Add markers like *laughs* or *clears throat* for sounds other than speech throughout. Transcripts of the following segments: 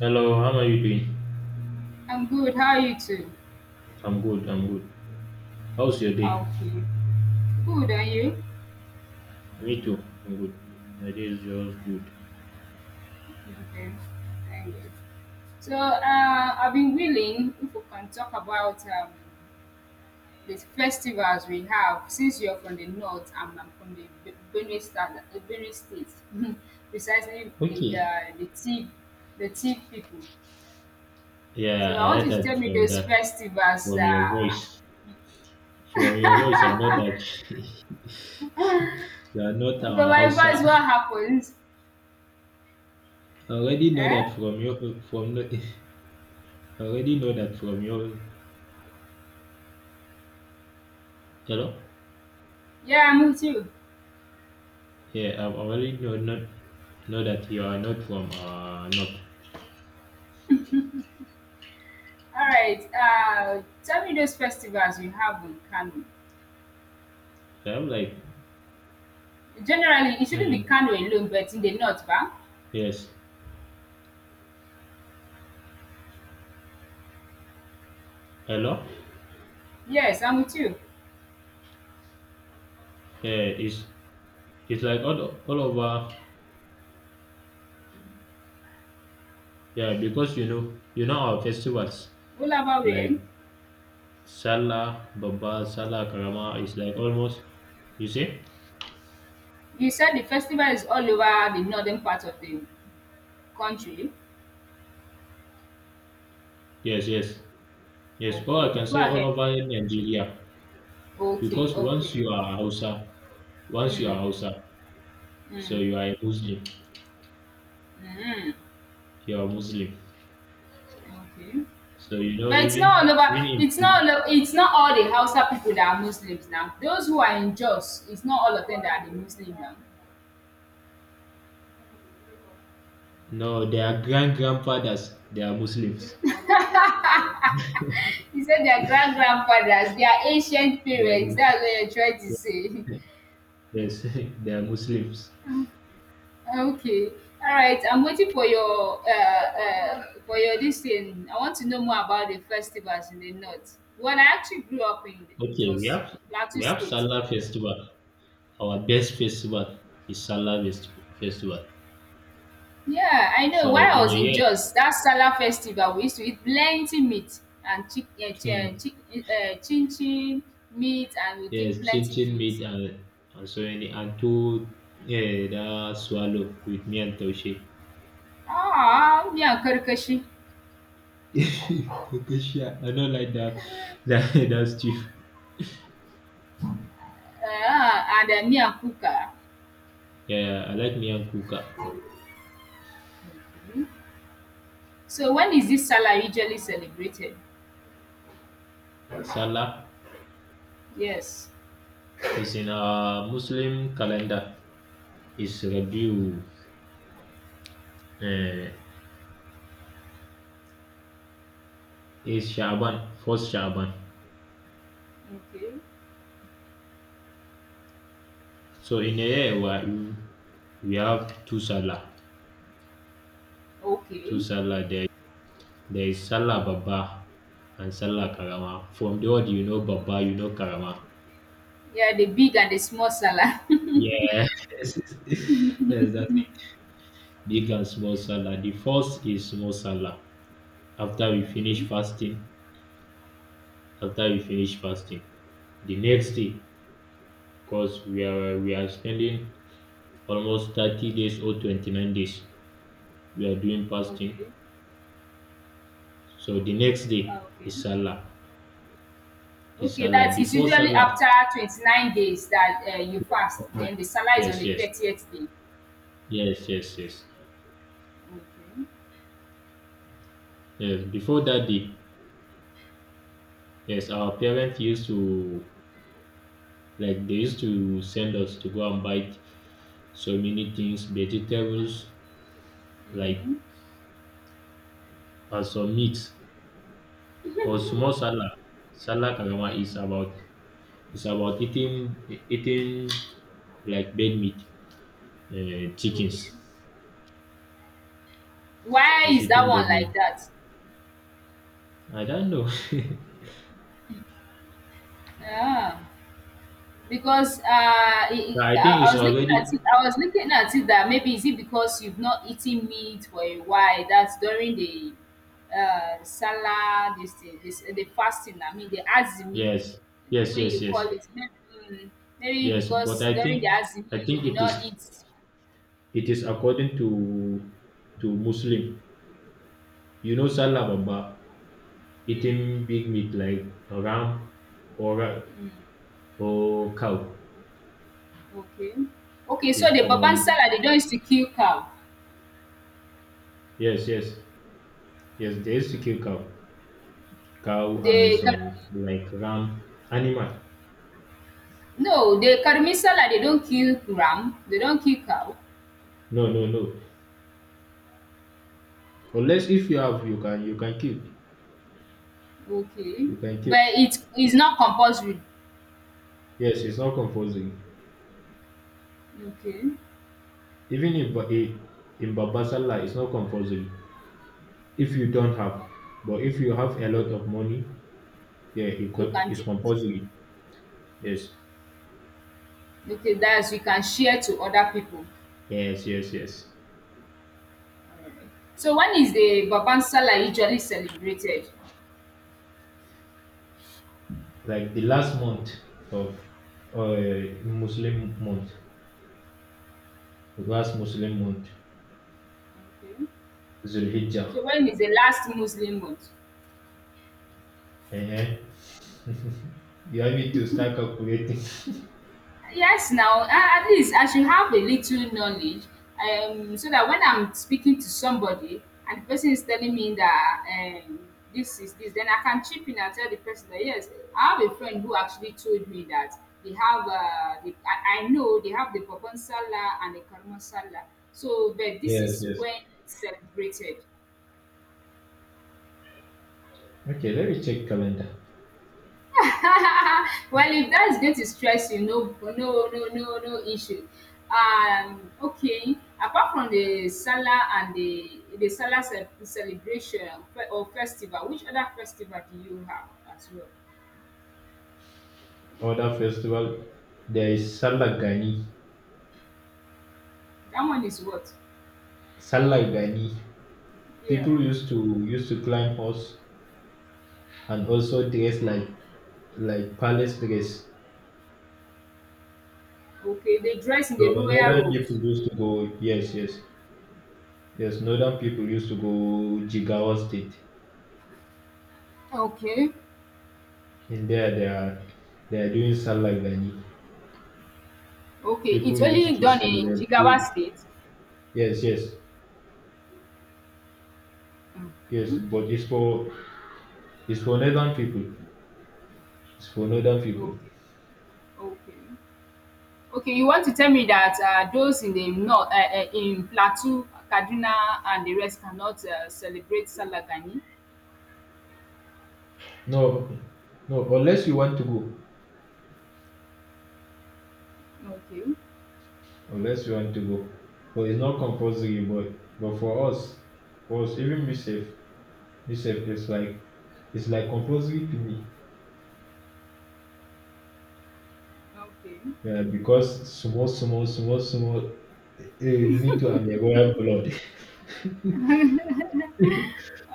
Hello, how are you doing? I'm good. How are you too? I'm good. How's your day? Okay. Good, are you? Me too, I'm good. My day is just good. Okay. Thank you. I've been willing if we can talk about the festivals we have since you're from the north and I'm from the Benue State, Benue State, *laughs* precisely Okay. The Tiv people. So, Yeah, I I want heard you to that tell me those festivals. from your voice. From your voice, I know that *laughs* you are not But our my voice, Hausa. what happens? I already know that Eh? from your from no- *laughs* I already know that from your hello. Yeah, I'm with you. Yeah, I already know that you are not from north. All right. Tell me those festivals you have in Kano. So I'm like, Generally, it shouldn't be hmm, Kano alone, but in the north, ba? yes, hello. Yes, I'm with you. Yeah, is it's like all over. Yeah, because our festivals All over where? like Salah, Baba, Salah, Karama. It's like almost. You see? You said the festival is all over the northern part of the country. Yes, yes, yes. Or I Okay, can go say all ahead. over Nigeria Okay, because okay. Once you are Mm, Hausa, so mm, you are a Muslim. mm, You are Muslim. okay. So you know, But it's not all even over. even It's not. In It's not all the Hausa people that are Muslims now. Those who are in Jos, it's not all of them that are the Muslim now. no, their grand grandfathers, they are Muslims. He said their grand grandfathers, their ancient They are parents. Muslims. That's what you're trying to say. Yes, *laughs* they are Muslims. *laughs* Okay. All right. I'm waiting for your listing. I want to know more about the festivals in the north. Well, I actually grew up in Okay, we Jos, have Plateau State. Salah Festival. Our best festival is Festival. Yeah, I know. So While in I was a in year, Jos, that Salah festival, we used to eat plenty meat and hmm, chin chin meat, and we yes, take plenty chinchin meat drinks. and so many and two yeah, that swallow with me and Taushe. Ah, me and Karkashi, *laughs* Taushe, I don't like that. *laughs* That stuff. And me and Kuka. Yeah, I like me and Kuka. So when is this Salah usually celebrated? Salah Yes. is in our Muslim calendar. It's Rabiu, uh, it's Shaban, first Shaban. Okay. So in here we have two Salah, two Okay. Salah. There there is Salah Baba and Salah Karama. From the word you know Baba, you know Karama. Yeah, the big and the small Salah. *laughs* Yeah, *laughs* yes, that's it. Big and small Salah. The first is small Salah. After we finish fasting, After we finish fasting, the next day, cause we are spending almost 30 days or 29 days. We are doing fasting. Okay. So the next day Okay. is Okay. Salah. It's Okay, Salah. that's it's Before usually Salah, after 29 days that you fast. Then the Salah is yes, on yes, the yes, 30th day. yes, yes, Okay. yes. Before that day, yes, our parents used to, like, they used to send us to go and buy so many things, vegetables, like, Mm-hmm. and some meat. Cause small salad, salad Karama is Mm, about eating like bed meat, chickens. okay. Why It's is that eating one bed like meat. that? I don't know. *laughs* Ah. Because But I think I it's was looking at already it. I was looking at it that maybe is it because you've not eaten meat for a while. That's during the Salah, this, thing, this the fasting. I mean the azimi, yes, the yes, way yes, you yes. call it. Maybe, mm, maybe Yes, but because I during the think azimi I you think did it not eat. Is according to Muslim. You know Salah Baba eating big meat like a ram or a, or cow Okay, okay. So is the baban from Salah they don't used to kill cow. yes, yes, yes, they used to kill cow and They some ca- like ram animal. no, the karmi Salah they don't kill ram. They don't kill cow. No, no, no, unless if you have, you can kill, Okay, you can kill but it is not compulsory. yes, it's not compulsory, Okay. even in in Baba Salah it's not compulsory if you don't have, Alright. but if you have a lot So of money yeah it you can it's give it. compulsory, yes, Okay, that's you can share to other people. yes, yes, yes, Alright. So when is the Babang Sallah usually celebrated? like the last month of Muslim month, the last muslim month Okay. zulhijjah. So when is the last Muslim month? Uh-huh. You have it to start calculating. *laughs* Yes now, a at least I should have a little knowledge, um, so that when I'm speaking to somebody and the person is telling me that, um, this is this, then I can chip in and tell the person that yes, I have a friend who actually told me that they have the I know they have the Bobon Sallah and the Karmon Sallah. So but this Yes, is yes, when it's celebrated. okay, let me check calendar. *laughs* Well, if that is going to stress you, no, no, no, no, no issue. Okay. Apart from the Salah and the Salah celebration or festival, which other festival do you have as well? Other festival, there is Salah Gani. That one is what? Salah Gani. Yeah. People used to climb horse and also dress like palace dress. Okay. They dress in So the royal northern people robes. used to go, yes, yes, yes. Northern people used to go Jigawa State, Okay. and there they are doing Salagani. Okay. People It's used only to done in Jigawa celebrate. State. Yes, yes, yes. Okay. But it's for northern people. It's for northern people. Okay. Okay. Okay, you want to tell me that those in the north, in Plateau, Kaduna, and the rest cannot celebrate Salagani? No, no. Unless you want to go, Okay, unless you want to go, but it's not compulsory. But for us, even myself, it's like compulsory to me. okay. Yeah, because me too, I'm a royal blood.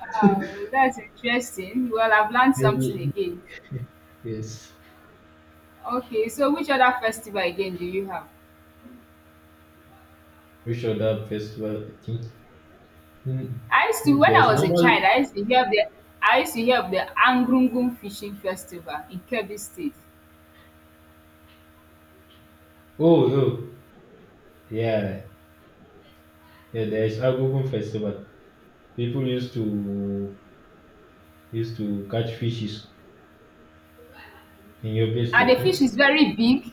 Oh, that's interesting. Well, I've *laughs* learned something Maybe, again. yes, Okay, so which other festival again do you have? we should have festival, I think. Hmm, I used to, when I there's was a normal, child, I used to hear of the Angrungun Fishing Festival in Kebbi State. oh, no, yeah, yeah, there's Agogon festival. People used to, catch fishes in your place, And state, the no? fish is very big.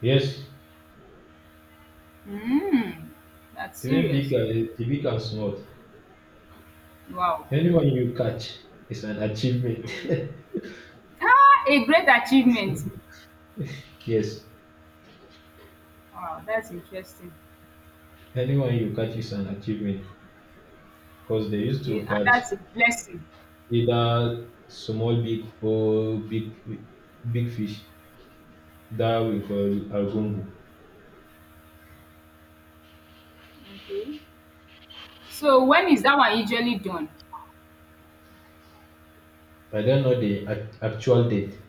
Yes, Mm, that's even big, serious. The big and small. Wow. Anyone you catch is an achievement. Hmm. *laughs* Ah! A great achievement. Yes, Wow, that's interesting. anyone you catch is an achievement. Because they used Okay, to and catch that's a blessing. either small big or big fish that we call argungu. Okay. So when is that one usually done? I don't know the actual date,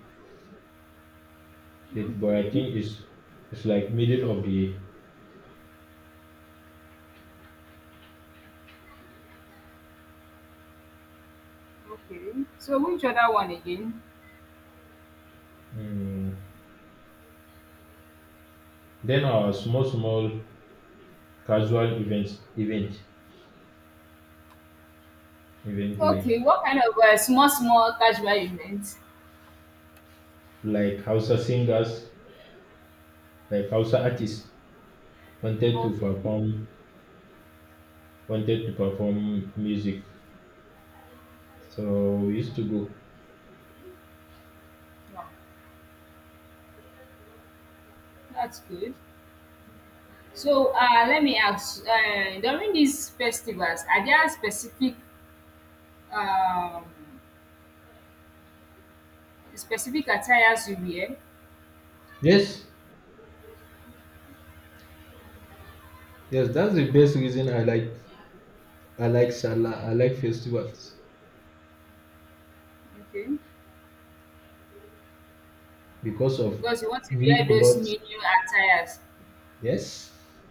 but I Okay, think it's like middle of the. okay. So which other one again? Mm, then our small casual event like Okay, what kind of small small casual event? Hausa singers, like Hausa artists wanted to Okay. perform, music, so we used to go. Wow, that's good. So let me ask, during these festivals, are there specific, um, specific attires you wear? Yes, yes, that's the best reason I like Salah. I like festivals Okay. because of Because you want to new wear those clothes. new new attires. Yes,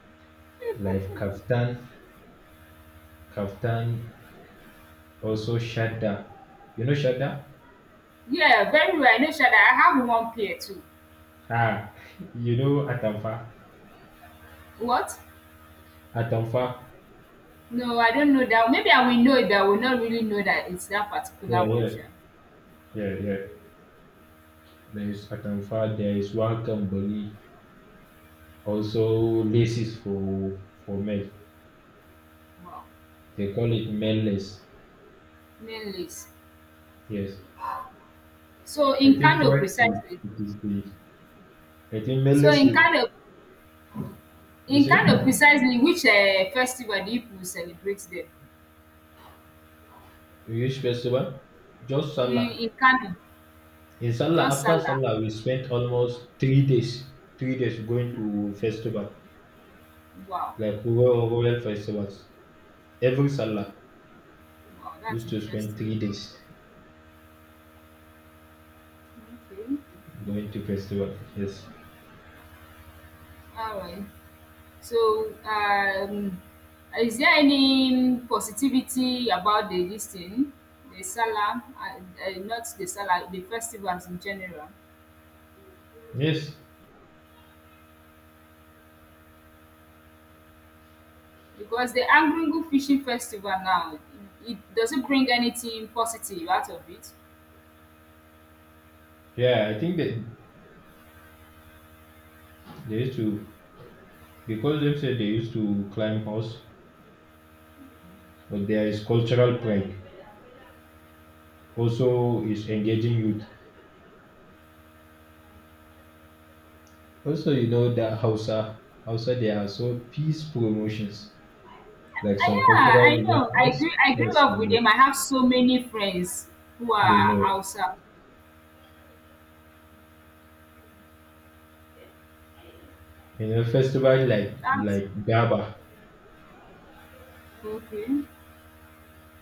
like kaftan, kaftan, also shadda. You know shadda? Yeah, very well. I know Shada. I have one pair too. Ah, *laughs* you know atamfa. What? Atamfa. No, I don't know that. Maybe I will know it, but I will not really know that it's that particular Yeah, one, yeah, Sha. yeah, yeah. There is atamfa. There is Wakamboli. Also laces for men. Wow. They call it menless. Main list. Yes, So I in think Kano currently precisely. It is the. I think So menless is, you in see. Kano precisely, which festival do you people celebrate there? You use festival, just Mm, Salah. in Kano, In Salah, just after Salah. Salah, we spent almost 3 days, going to festival, Wow. like rural festivals. Every Salah Wow, that's used to spend interesting. 3 days Okay. going to festival. Yes, All right. So, is there any positivity about the this thing, the Salah, not the Salah, the festivals in general? yes, Because the Argungu Fishing Festival now, it doesn't bring anything positive out of it. yeah. I think that they used to, because they said they used to climb house, but there is cultural pride. Also, is engaging youth. Also, you know that Uh, Hausa, there are so peace promotions, like some yeah, cultural I know. Events. I grew Yes, they up with know. them. I have so many friends who They are know. outside. In a festival like That's Daba. okay.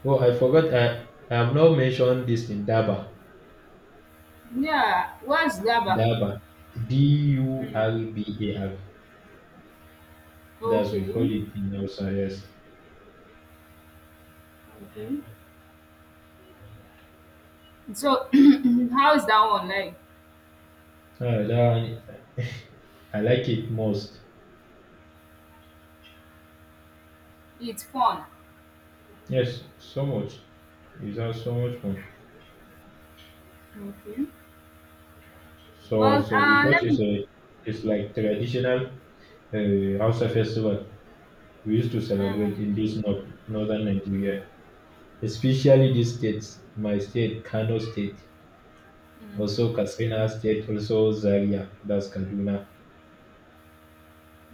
Oh, I forgot. I have not mentioned this in Daba. Yeah, what's Gaba? Daba, D U Mm. R B A R. That's we call Okay. it in Hausa. Yes. Okay. So, *clears throat* how is that one like? Ah, that one, *laughs* I like it most. It's fun. Yes, so much. It's has so much fun. Okay. So Well, because let me. it's a it's like traditional Hausa festival we used to Mm, celebrate in this northern Nigeria, especially these states. My state, Kano State. mhm, Also Katsina State, also Zaria, that's Kaduna.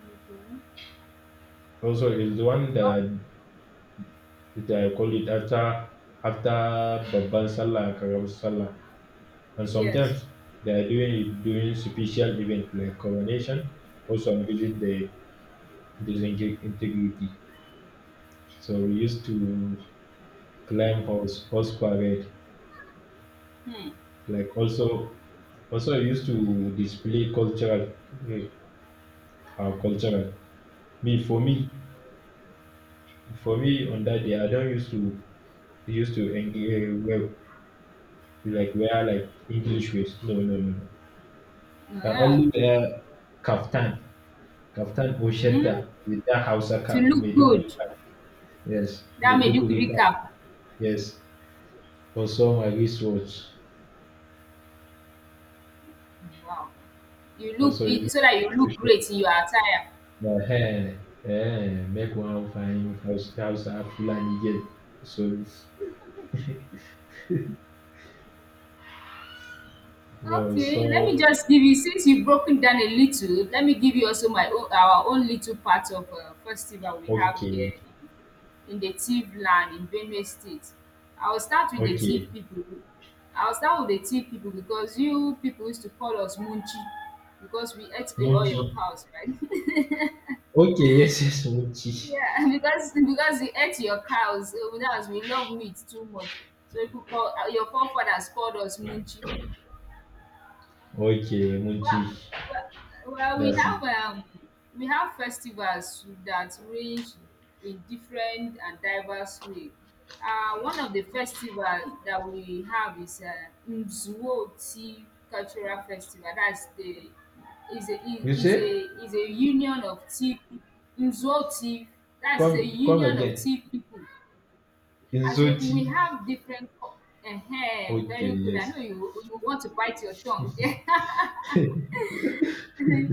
okay. Also is the one Oh, that I call it after Babban Sallah and Karamar Sallah. And yes. sometimes they are doing it during special event like coronation. Also I visit the integrity. So we used to climb horse parade. Hmm. Like also we used to display cultural, uh, our cultural. Me for me for me on that day, I don't used to. We used to wear like English waist. No, no, no, no. I Yeah. only wear kaftan, or Hmm. shetta with that Hausa To cap, look Maiduguri good. cap. Yes, That made you Maiduguri cap. recap. Yes. Also my wristwatch. Wow. Also it used You to look show great in your attire. my hair. Eh, make one fine house Fulani get, so it's- *laughs* no so. Okay, let me just give you since you've broken down a little, let me give you also my own our own little part of festival we have Okay, here in the Tiv land in Benue State. I will start with the Tiv okay, people. I will start with the Tiv people because you people used to call us Munchi because we ate all Munchi. your cows, right? *laughs* Okay, yes, yes, Munchi. Yeah, *laughs* because you ate your cows, so that was we love meat too much. So people call your forefathers called us munchi. Okay, Munchi. Well well well, That's it. We have festivals that range in different and diverse way. One of the festival that we have is Nzuoti Cultural Festival. That's the is a You say, is a union of tea. Nzuoti. That is come a union of again. tea people. As in Inzoti. we have different cul, um, Okay, very good. I yes. know you want to bite your tongue. *laughs* *laughs* *laughs*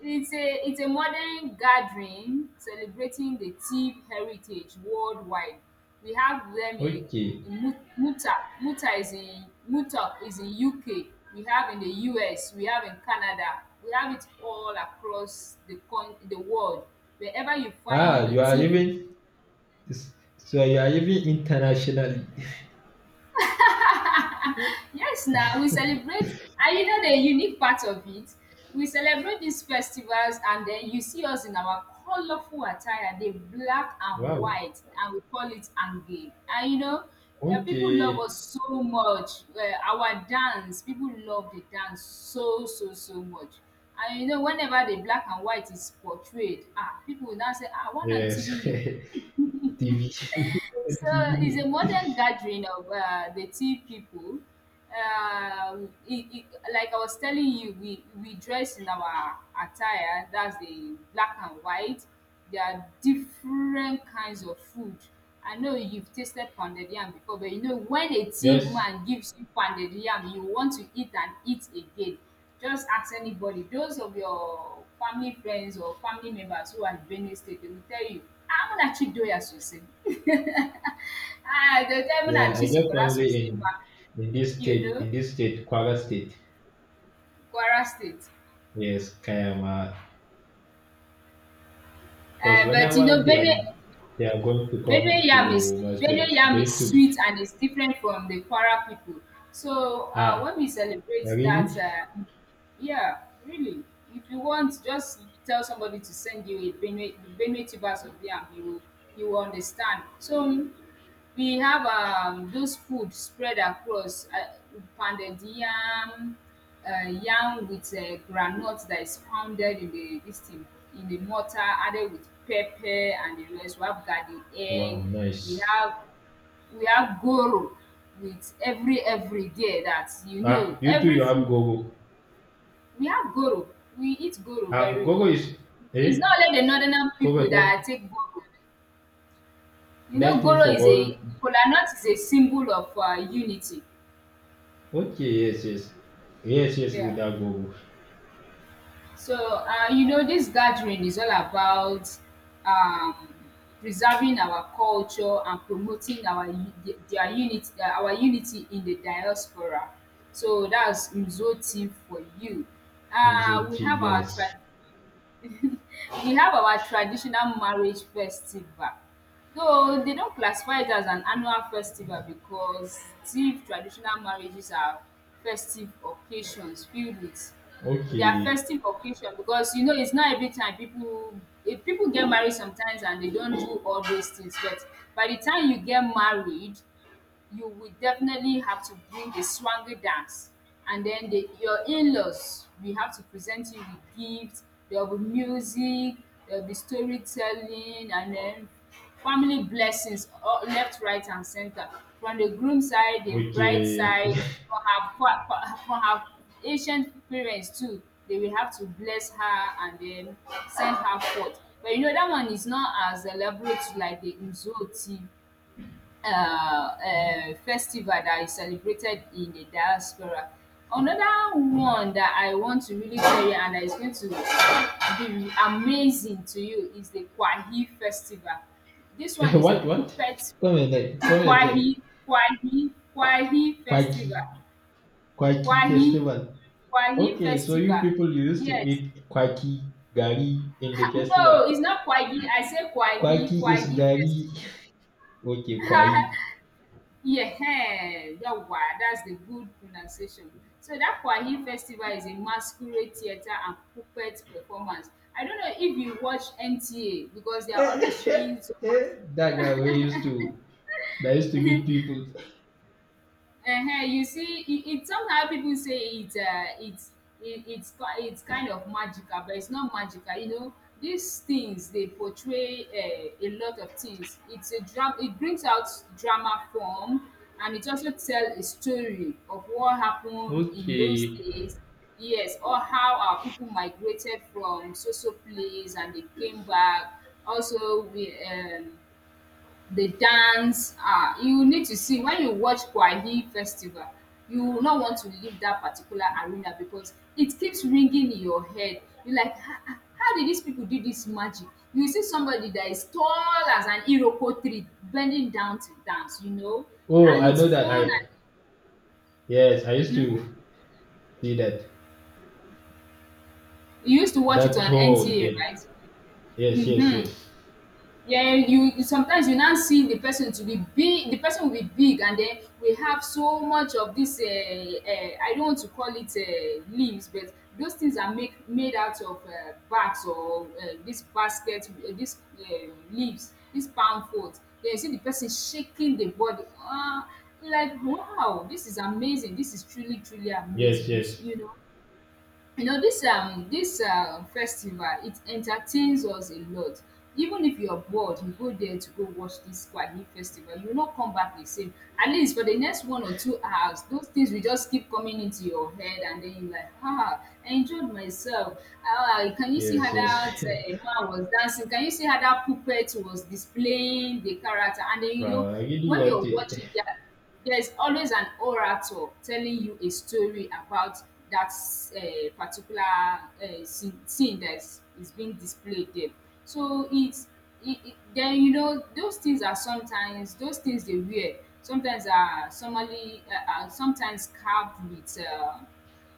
It's a modern gathering celebrating the Tiv heritage worldwide. We have them Okay. in Muta. Muta is in UK. We have in the US. We have in Canada. We have it all across the con the world. Wherever you Ah, find a you are Tiv. even, internationally. *laughs* Yes, now we celebrate, and you know the unique part of it, we celebrate these festivals, and then you see us in our colorful attire, the black and Wow. white, and we call it Ange. And you know, people love Okay. us so much. Our dance, people love the dance so, so, so much. And you know, whenever the black and white is portrayed, ah, people will now say, ah, one want Yes. TV. *laughs* TV. So it's a TV. *laughs* modern gathering of the tea people. Um, it, it, like I was telling you, we dress in our attire, that's the black and white. There are different kinds of food. I know you've tasted pounded yam before, but you know, when a tea Yes. man gives you pounded yam, you want to eat and eat again. Just ask anybody. Those of your family friends or family members who are in Benue State, they will tell you, ah, Muna Chi Doya Sosai. *laughs* Ah, they'll tell you, Muna Yeah, I Chi get Sokora family Sosai. Ma." in this You state, know, Kwara state. Kwara State. Yes, Kayama. Because Uh, but you know, whenever Benue they are going to Benue come yam is. to my state, Benue they yam is used to, sweet and it's different from the Kwara people. So ah, when we celebrate really. that, yeah, really, if you want, just tell somebody to send you a Benue tubers of yam. You will understand. So we have, those food spread across pounded yam, yam with groundnut that is pounded in the this thing in the mortar added with pepper and the rest. We have garden egg. Wow, We nice. have we have goro with every day that you know Ah, you too, every you have food. Gogo. We have goro. We eat goro Ah, very Gogo well. is, It's eh? not only the northern Gogo, people that that take goro. You know, thing goro for is all. a kola nut is a symbol of unity. Okay, yes, yes, yes, yes. We Yeah. have Gogo. So you know, this gathering is all about, um, preserving our culture and promoting our their unity, our unity in the diaspora. So that's Mzo team for you. And So We have our TVS. tribe. We have our traditional marriage festival, though they don't classify it as an annual festival because still traditional marriages are festive occasions filled with— they are Okay, festive occasion because you know it's not every time people if people get married sometimes and they don't do all those things, but by the time you get married you will definitely have to bring the swangy dance, and then your in-laws We have to present you with gifts, there will be music, there will be storytelling, and then family blessings all left, right and center, from the groom side, the bride okay. side, *laughs* from her from her ancient parents too. They will have to bless her and then send her forth, but you know that one is not as elaborate like the nzooti festival that is celebrated in the diaspora. Another one that I want to really tell you and that is going to be amazing to you is the Kwahi festival. This Eh, one is the what what? puppet— Come again. Come again. Kwahi, Kwahi Kwaki festival. Kwaki Kwahi festival. Kwahi Okay, so you festival. people used to Yes. *laughs* eat Kwaki gari in the festival. No, it's not Kwahi. I say Kwaki Kwahi is Kwahi gari. festival. *laughs* Okay, Kwai. *laughs* Yeah, *laughs* yawwa, that's the good pronunciation. So that Kwahi festival is a masquerade theatre and puppet performance. I don't know if you watch NTA because they are always showing some Eh, mas— that guy we used to, That used to beat people. You see it somehow people say it's it it's ki it's kind of magical, but it's not magical, you know, these things, they portray a lot of things. It's a dra— it brings out drama form, and it also tell a story of what happened in those Okay. days, yes, or how our people migrated from so so place and they came back. Also we they dance. Ah, you need to see, when you watch Kwahi festival, you will not want to leave that particular arena because it keeps ringing in your head. You're like, "Ah, ah, how did these people do this magic? You see somebody that is tall as an iroko tree bending down to dance, you know, Oh, and I it's know that. fun." I yes, I used And, to see that. you used to watch it That on tall. NTA, Did. right? Yes, yes, yes, Yeah, you sometimes you now see the person to be big, the person will be big, and then we have so much of this I don't want to call it leaves, but those things are make— made out of bags or this basket, this leaves, this palm fruit. Then you see the person shaking the body. Ah, like wow, this is amazing, this is truly truly yes, amazing. You yes, you know, you know, this this festival, it entertains us a lot. Even if you're bored, you go there to go watch this Kwali festival, you will not come back the same. At least for the next 1 or 2 hours those things will just keep coming into your head, and then you're like, ah, I enjoyed myself. Ah, can you see yes, how that yes. Man was dancing? Can you see how that puppet was displaying the character? And then *laughs* you know, Wow, I really when want you're it. watching that, there is always an orator telling you a story about that particular scene that is being displayed there. So it's— then you know those things are sometimes— those things they wear sometimes are somebody are sometimes carved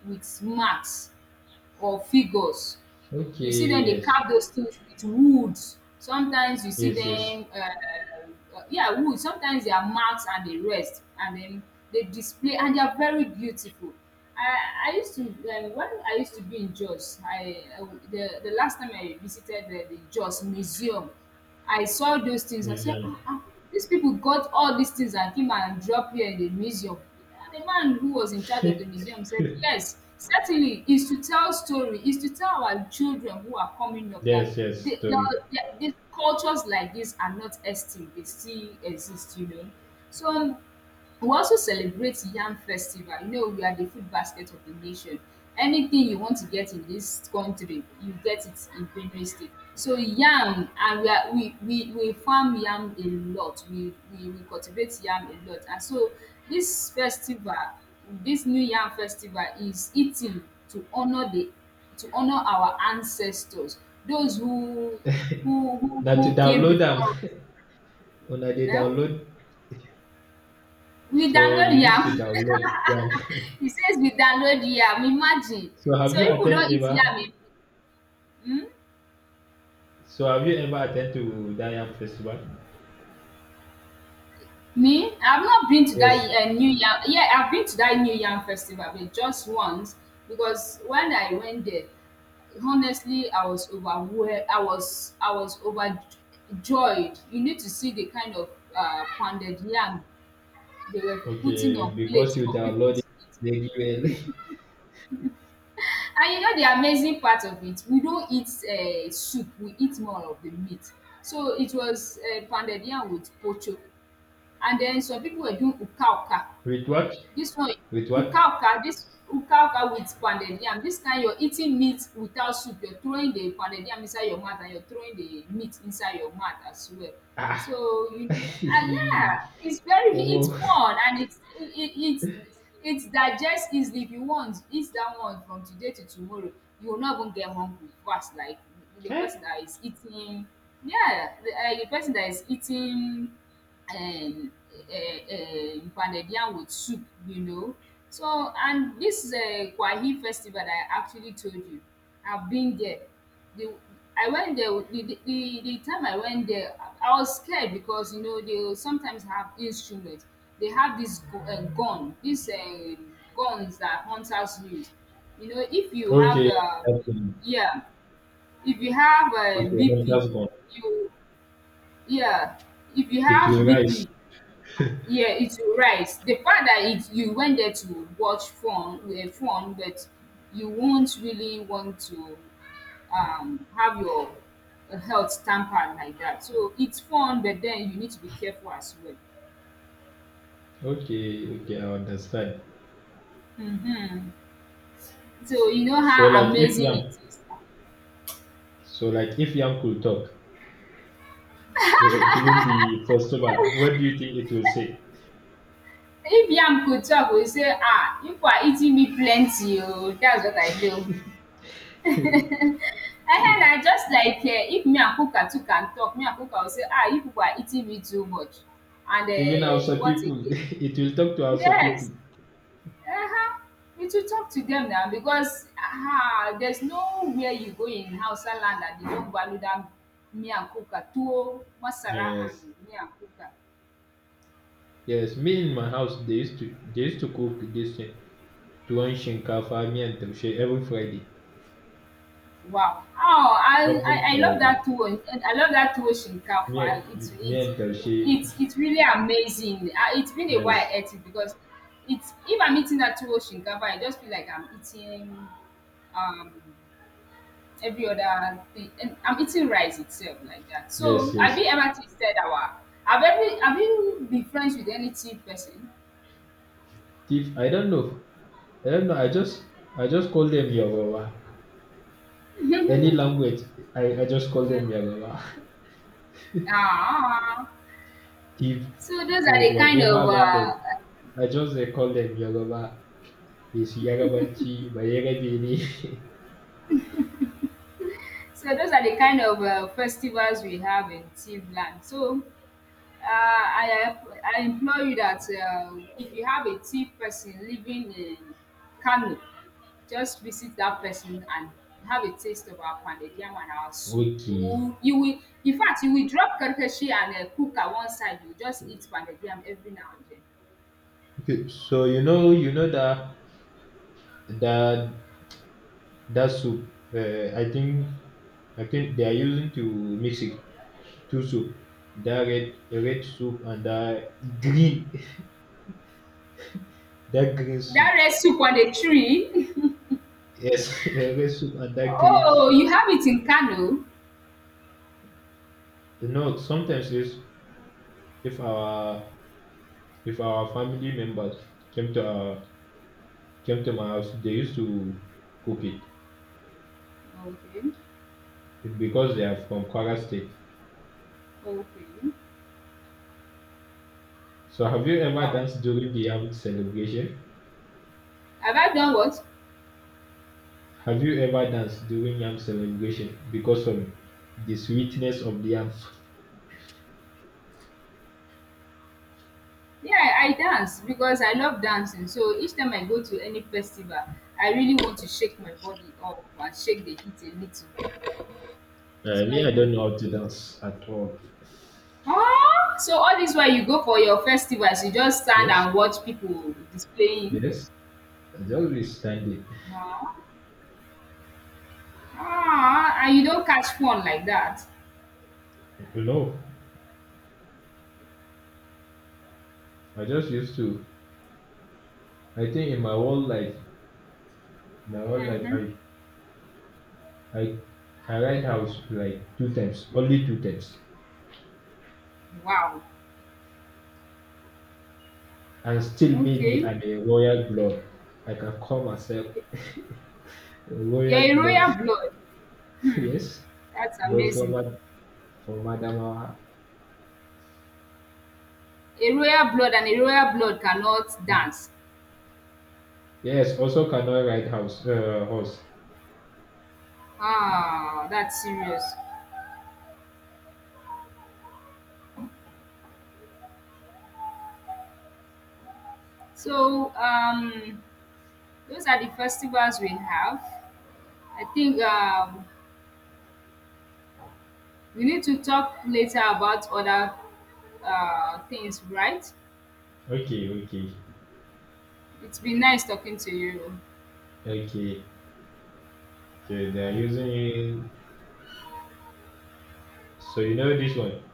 with marks or figures. You see them. Okay, They yes, carve those things with wood. Sometimes you see yes, yes. dem yeah, wood, sometimes they are marks, and they rest and then they display, and they are very beautiful. I used to when I used to be in Jos, I the last time I visited the Jos museum, I saw those things. I said, Museum. Dis pipu got all these things and came and drop here in the museum. The man who was in charge of the *laughs* museum said, "Yes, certainly is to tell story, is to tell our children who are coming up that Yes, yes. the, the, Story. the cultures like this are not extinct, they still exist, you know." So we also celebrate Yam Festival. You know, we are the food basket of the nation. Anything you want to get in this country, you get it in Benue State. So yam, and we are— we farm yam a lot. We cultivate yam a lot. And so this festival, this new yam festival is eating to honor the— to honor our ancestors, those who who who Now to who came download before them. us. *laughs* When I did *laughs* Eh? download, We so download you used to yam. download them. He says we download yam, imagine. *laughs* So have So you people attend don't eat ever? yam in— hmm? So have you ever attend to Diam Festival? Me? I've not been to that Yes. New yam. Yeah, I've been to that new yam festival, but just once. Because when I went there, honestly, I was overwhelmed. I was overjoyed. You need to see the kind of pounded yam they were putting on Okay, because plates you for people downloaded to eat. the email. *laughs* And you know the amazing part of it, we don't eat soup, we eat more of the meat. So it was pounded yam with pocho, and then some people were doing ukha With what? this one, With what? ukaka. This ukaka with pounded yam, this kind, you're eating meat without soup, you're throwing the pounded yam inside your mouth and you're throwing the meat inside your mouth as well. Ah. So you know, *laughs* ah, yeah, it's very— it's Oh. fun, and it's— it's digest easily. If you want eat that one from today to tomorrow, you will not even get hungry fast like the Okay. person that is eating— yeah, the person that is eating um um pounded yam with soup, you know. So and this kwahi festival that I actually told you, I've been there. The— I went there with— the time I went there, I was scared because you know they will sometimes have instruments. They have this gu gun, these guns that hunters use. You know, if you have Okay. Okay. yeah, if you have Okay, well, BP, that's gone. you— yeah, if you It will have rise. BP, yeah, it will rise. The fact that— it, you went there to watch fun, eh, fun, but you won't really want to, have your health tampered like that. So, it's fun, but then you need to be careful as well. Okay. Okay. I understand. So, you know So how like if amazing Yang, it is. Could talk, so during the festival, what do you think it will say? If yam could talk, will say, "Ah, if you people are eating me plenty oh, that's what I do." *laughs* And then I just like, eh, if me and kuka too can talk, me and kuka will say, "Ah, if you people are eating me too much." And Even eh, Hausa what people, *laughs* again? it will talk to Hausa Yes, people. uh huh. You should talk to them now because there's nowhere you go in Hausa land that they don't value that miyan kuka, tuwo, masara Yes. and miyan kuka. Yes, me in my house they used to cook this thing. Tuwon shinkafa, miyan taushe every Friday. Wow! Oh, Every I love Friday. that tuwo and I love that tuwo Miyan, shinkafa. Taushe. It's really amazing. Ah, it's been a while Yes, I ate it because it's— if I'm eating that tuwo shinkafa, I just feel like I'm eating um every other thing and I'm eating rice itself like that. yes, So have yes. you ever tasted our— have every— have you been friends with any cheap person? Thief, I don't know. I just, call them Yoruba. Any language, I just call them Yoruba. Ah, *laughs* Thief, so those are the kind whatever of language, I just they call them Yoruba. It's Yorubanchi, Bayerabe ne. *laughs* so those are the kind of festivals we have in Tiv land. So Uh, I I implore you that if you have a thief person living in Kano, just visit that person and have a taste of our pounded yam and our soup. Okay. In fact, you will drop karkashi and cook at one side. You just eat pounded yam every now and then. Okay. So that that that soup. I think they are using to mix it two soup. That red soup and that green. *laughs* That green That soup. red soup on the tree. *laughs* Yes, *laughs* a red soup and that green Oh, soup. you have it in Kano. No, sometimes this, if our family members came to our, came to my house, they used to cook it Okay, because they are from Kwara State. okay. So have you ever Wow. danced during the Yam celebration? Have I done what? Have you ever danced during Yam celebration because of the sweetness of the yam? Yeah, I dance because I love dancing. So each time I go to any festival, I really want to shake my body up and shake the heat a little. So Me, I I do. don't know how to dance at all. Oh, so all this while you go for your festivals, you just stand Yes, and watch people displaying. yes. I just be standing. Ah, ah, and you don't catch fun like that. No, I just used to. I think in my whole life, my whole life, Mm-hmm. I, I, I rent house like 2 times, Wow. and still maybe Okay. I'm a royal blood. I can call myself *laughs* a You're royal a blood. royal blood. *laughs* Hmm. Yes, That's but amazing. For madam, A royal blood and a royal blood cannot dance. yes, also cannot ride house, horse. Ah, that's serious. So those are the festivals we have. I think we need to talk later about other things, right? Okay, okay, It's been nice talking to you. okay. Okay, they're using. So you know this one.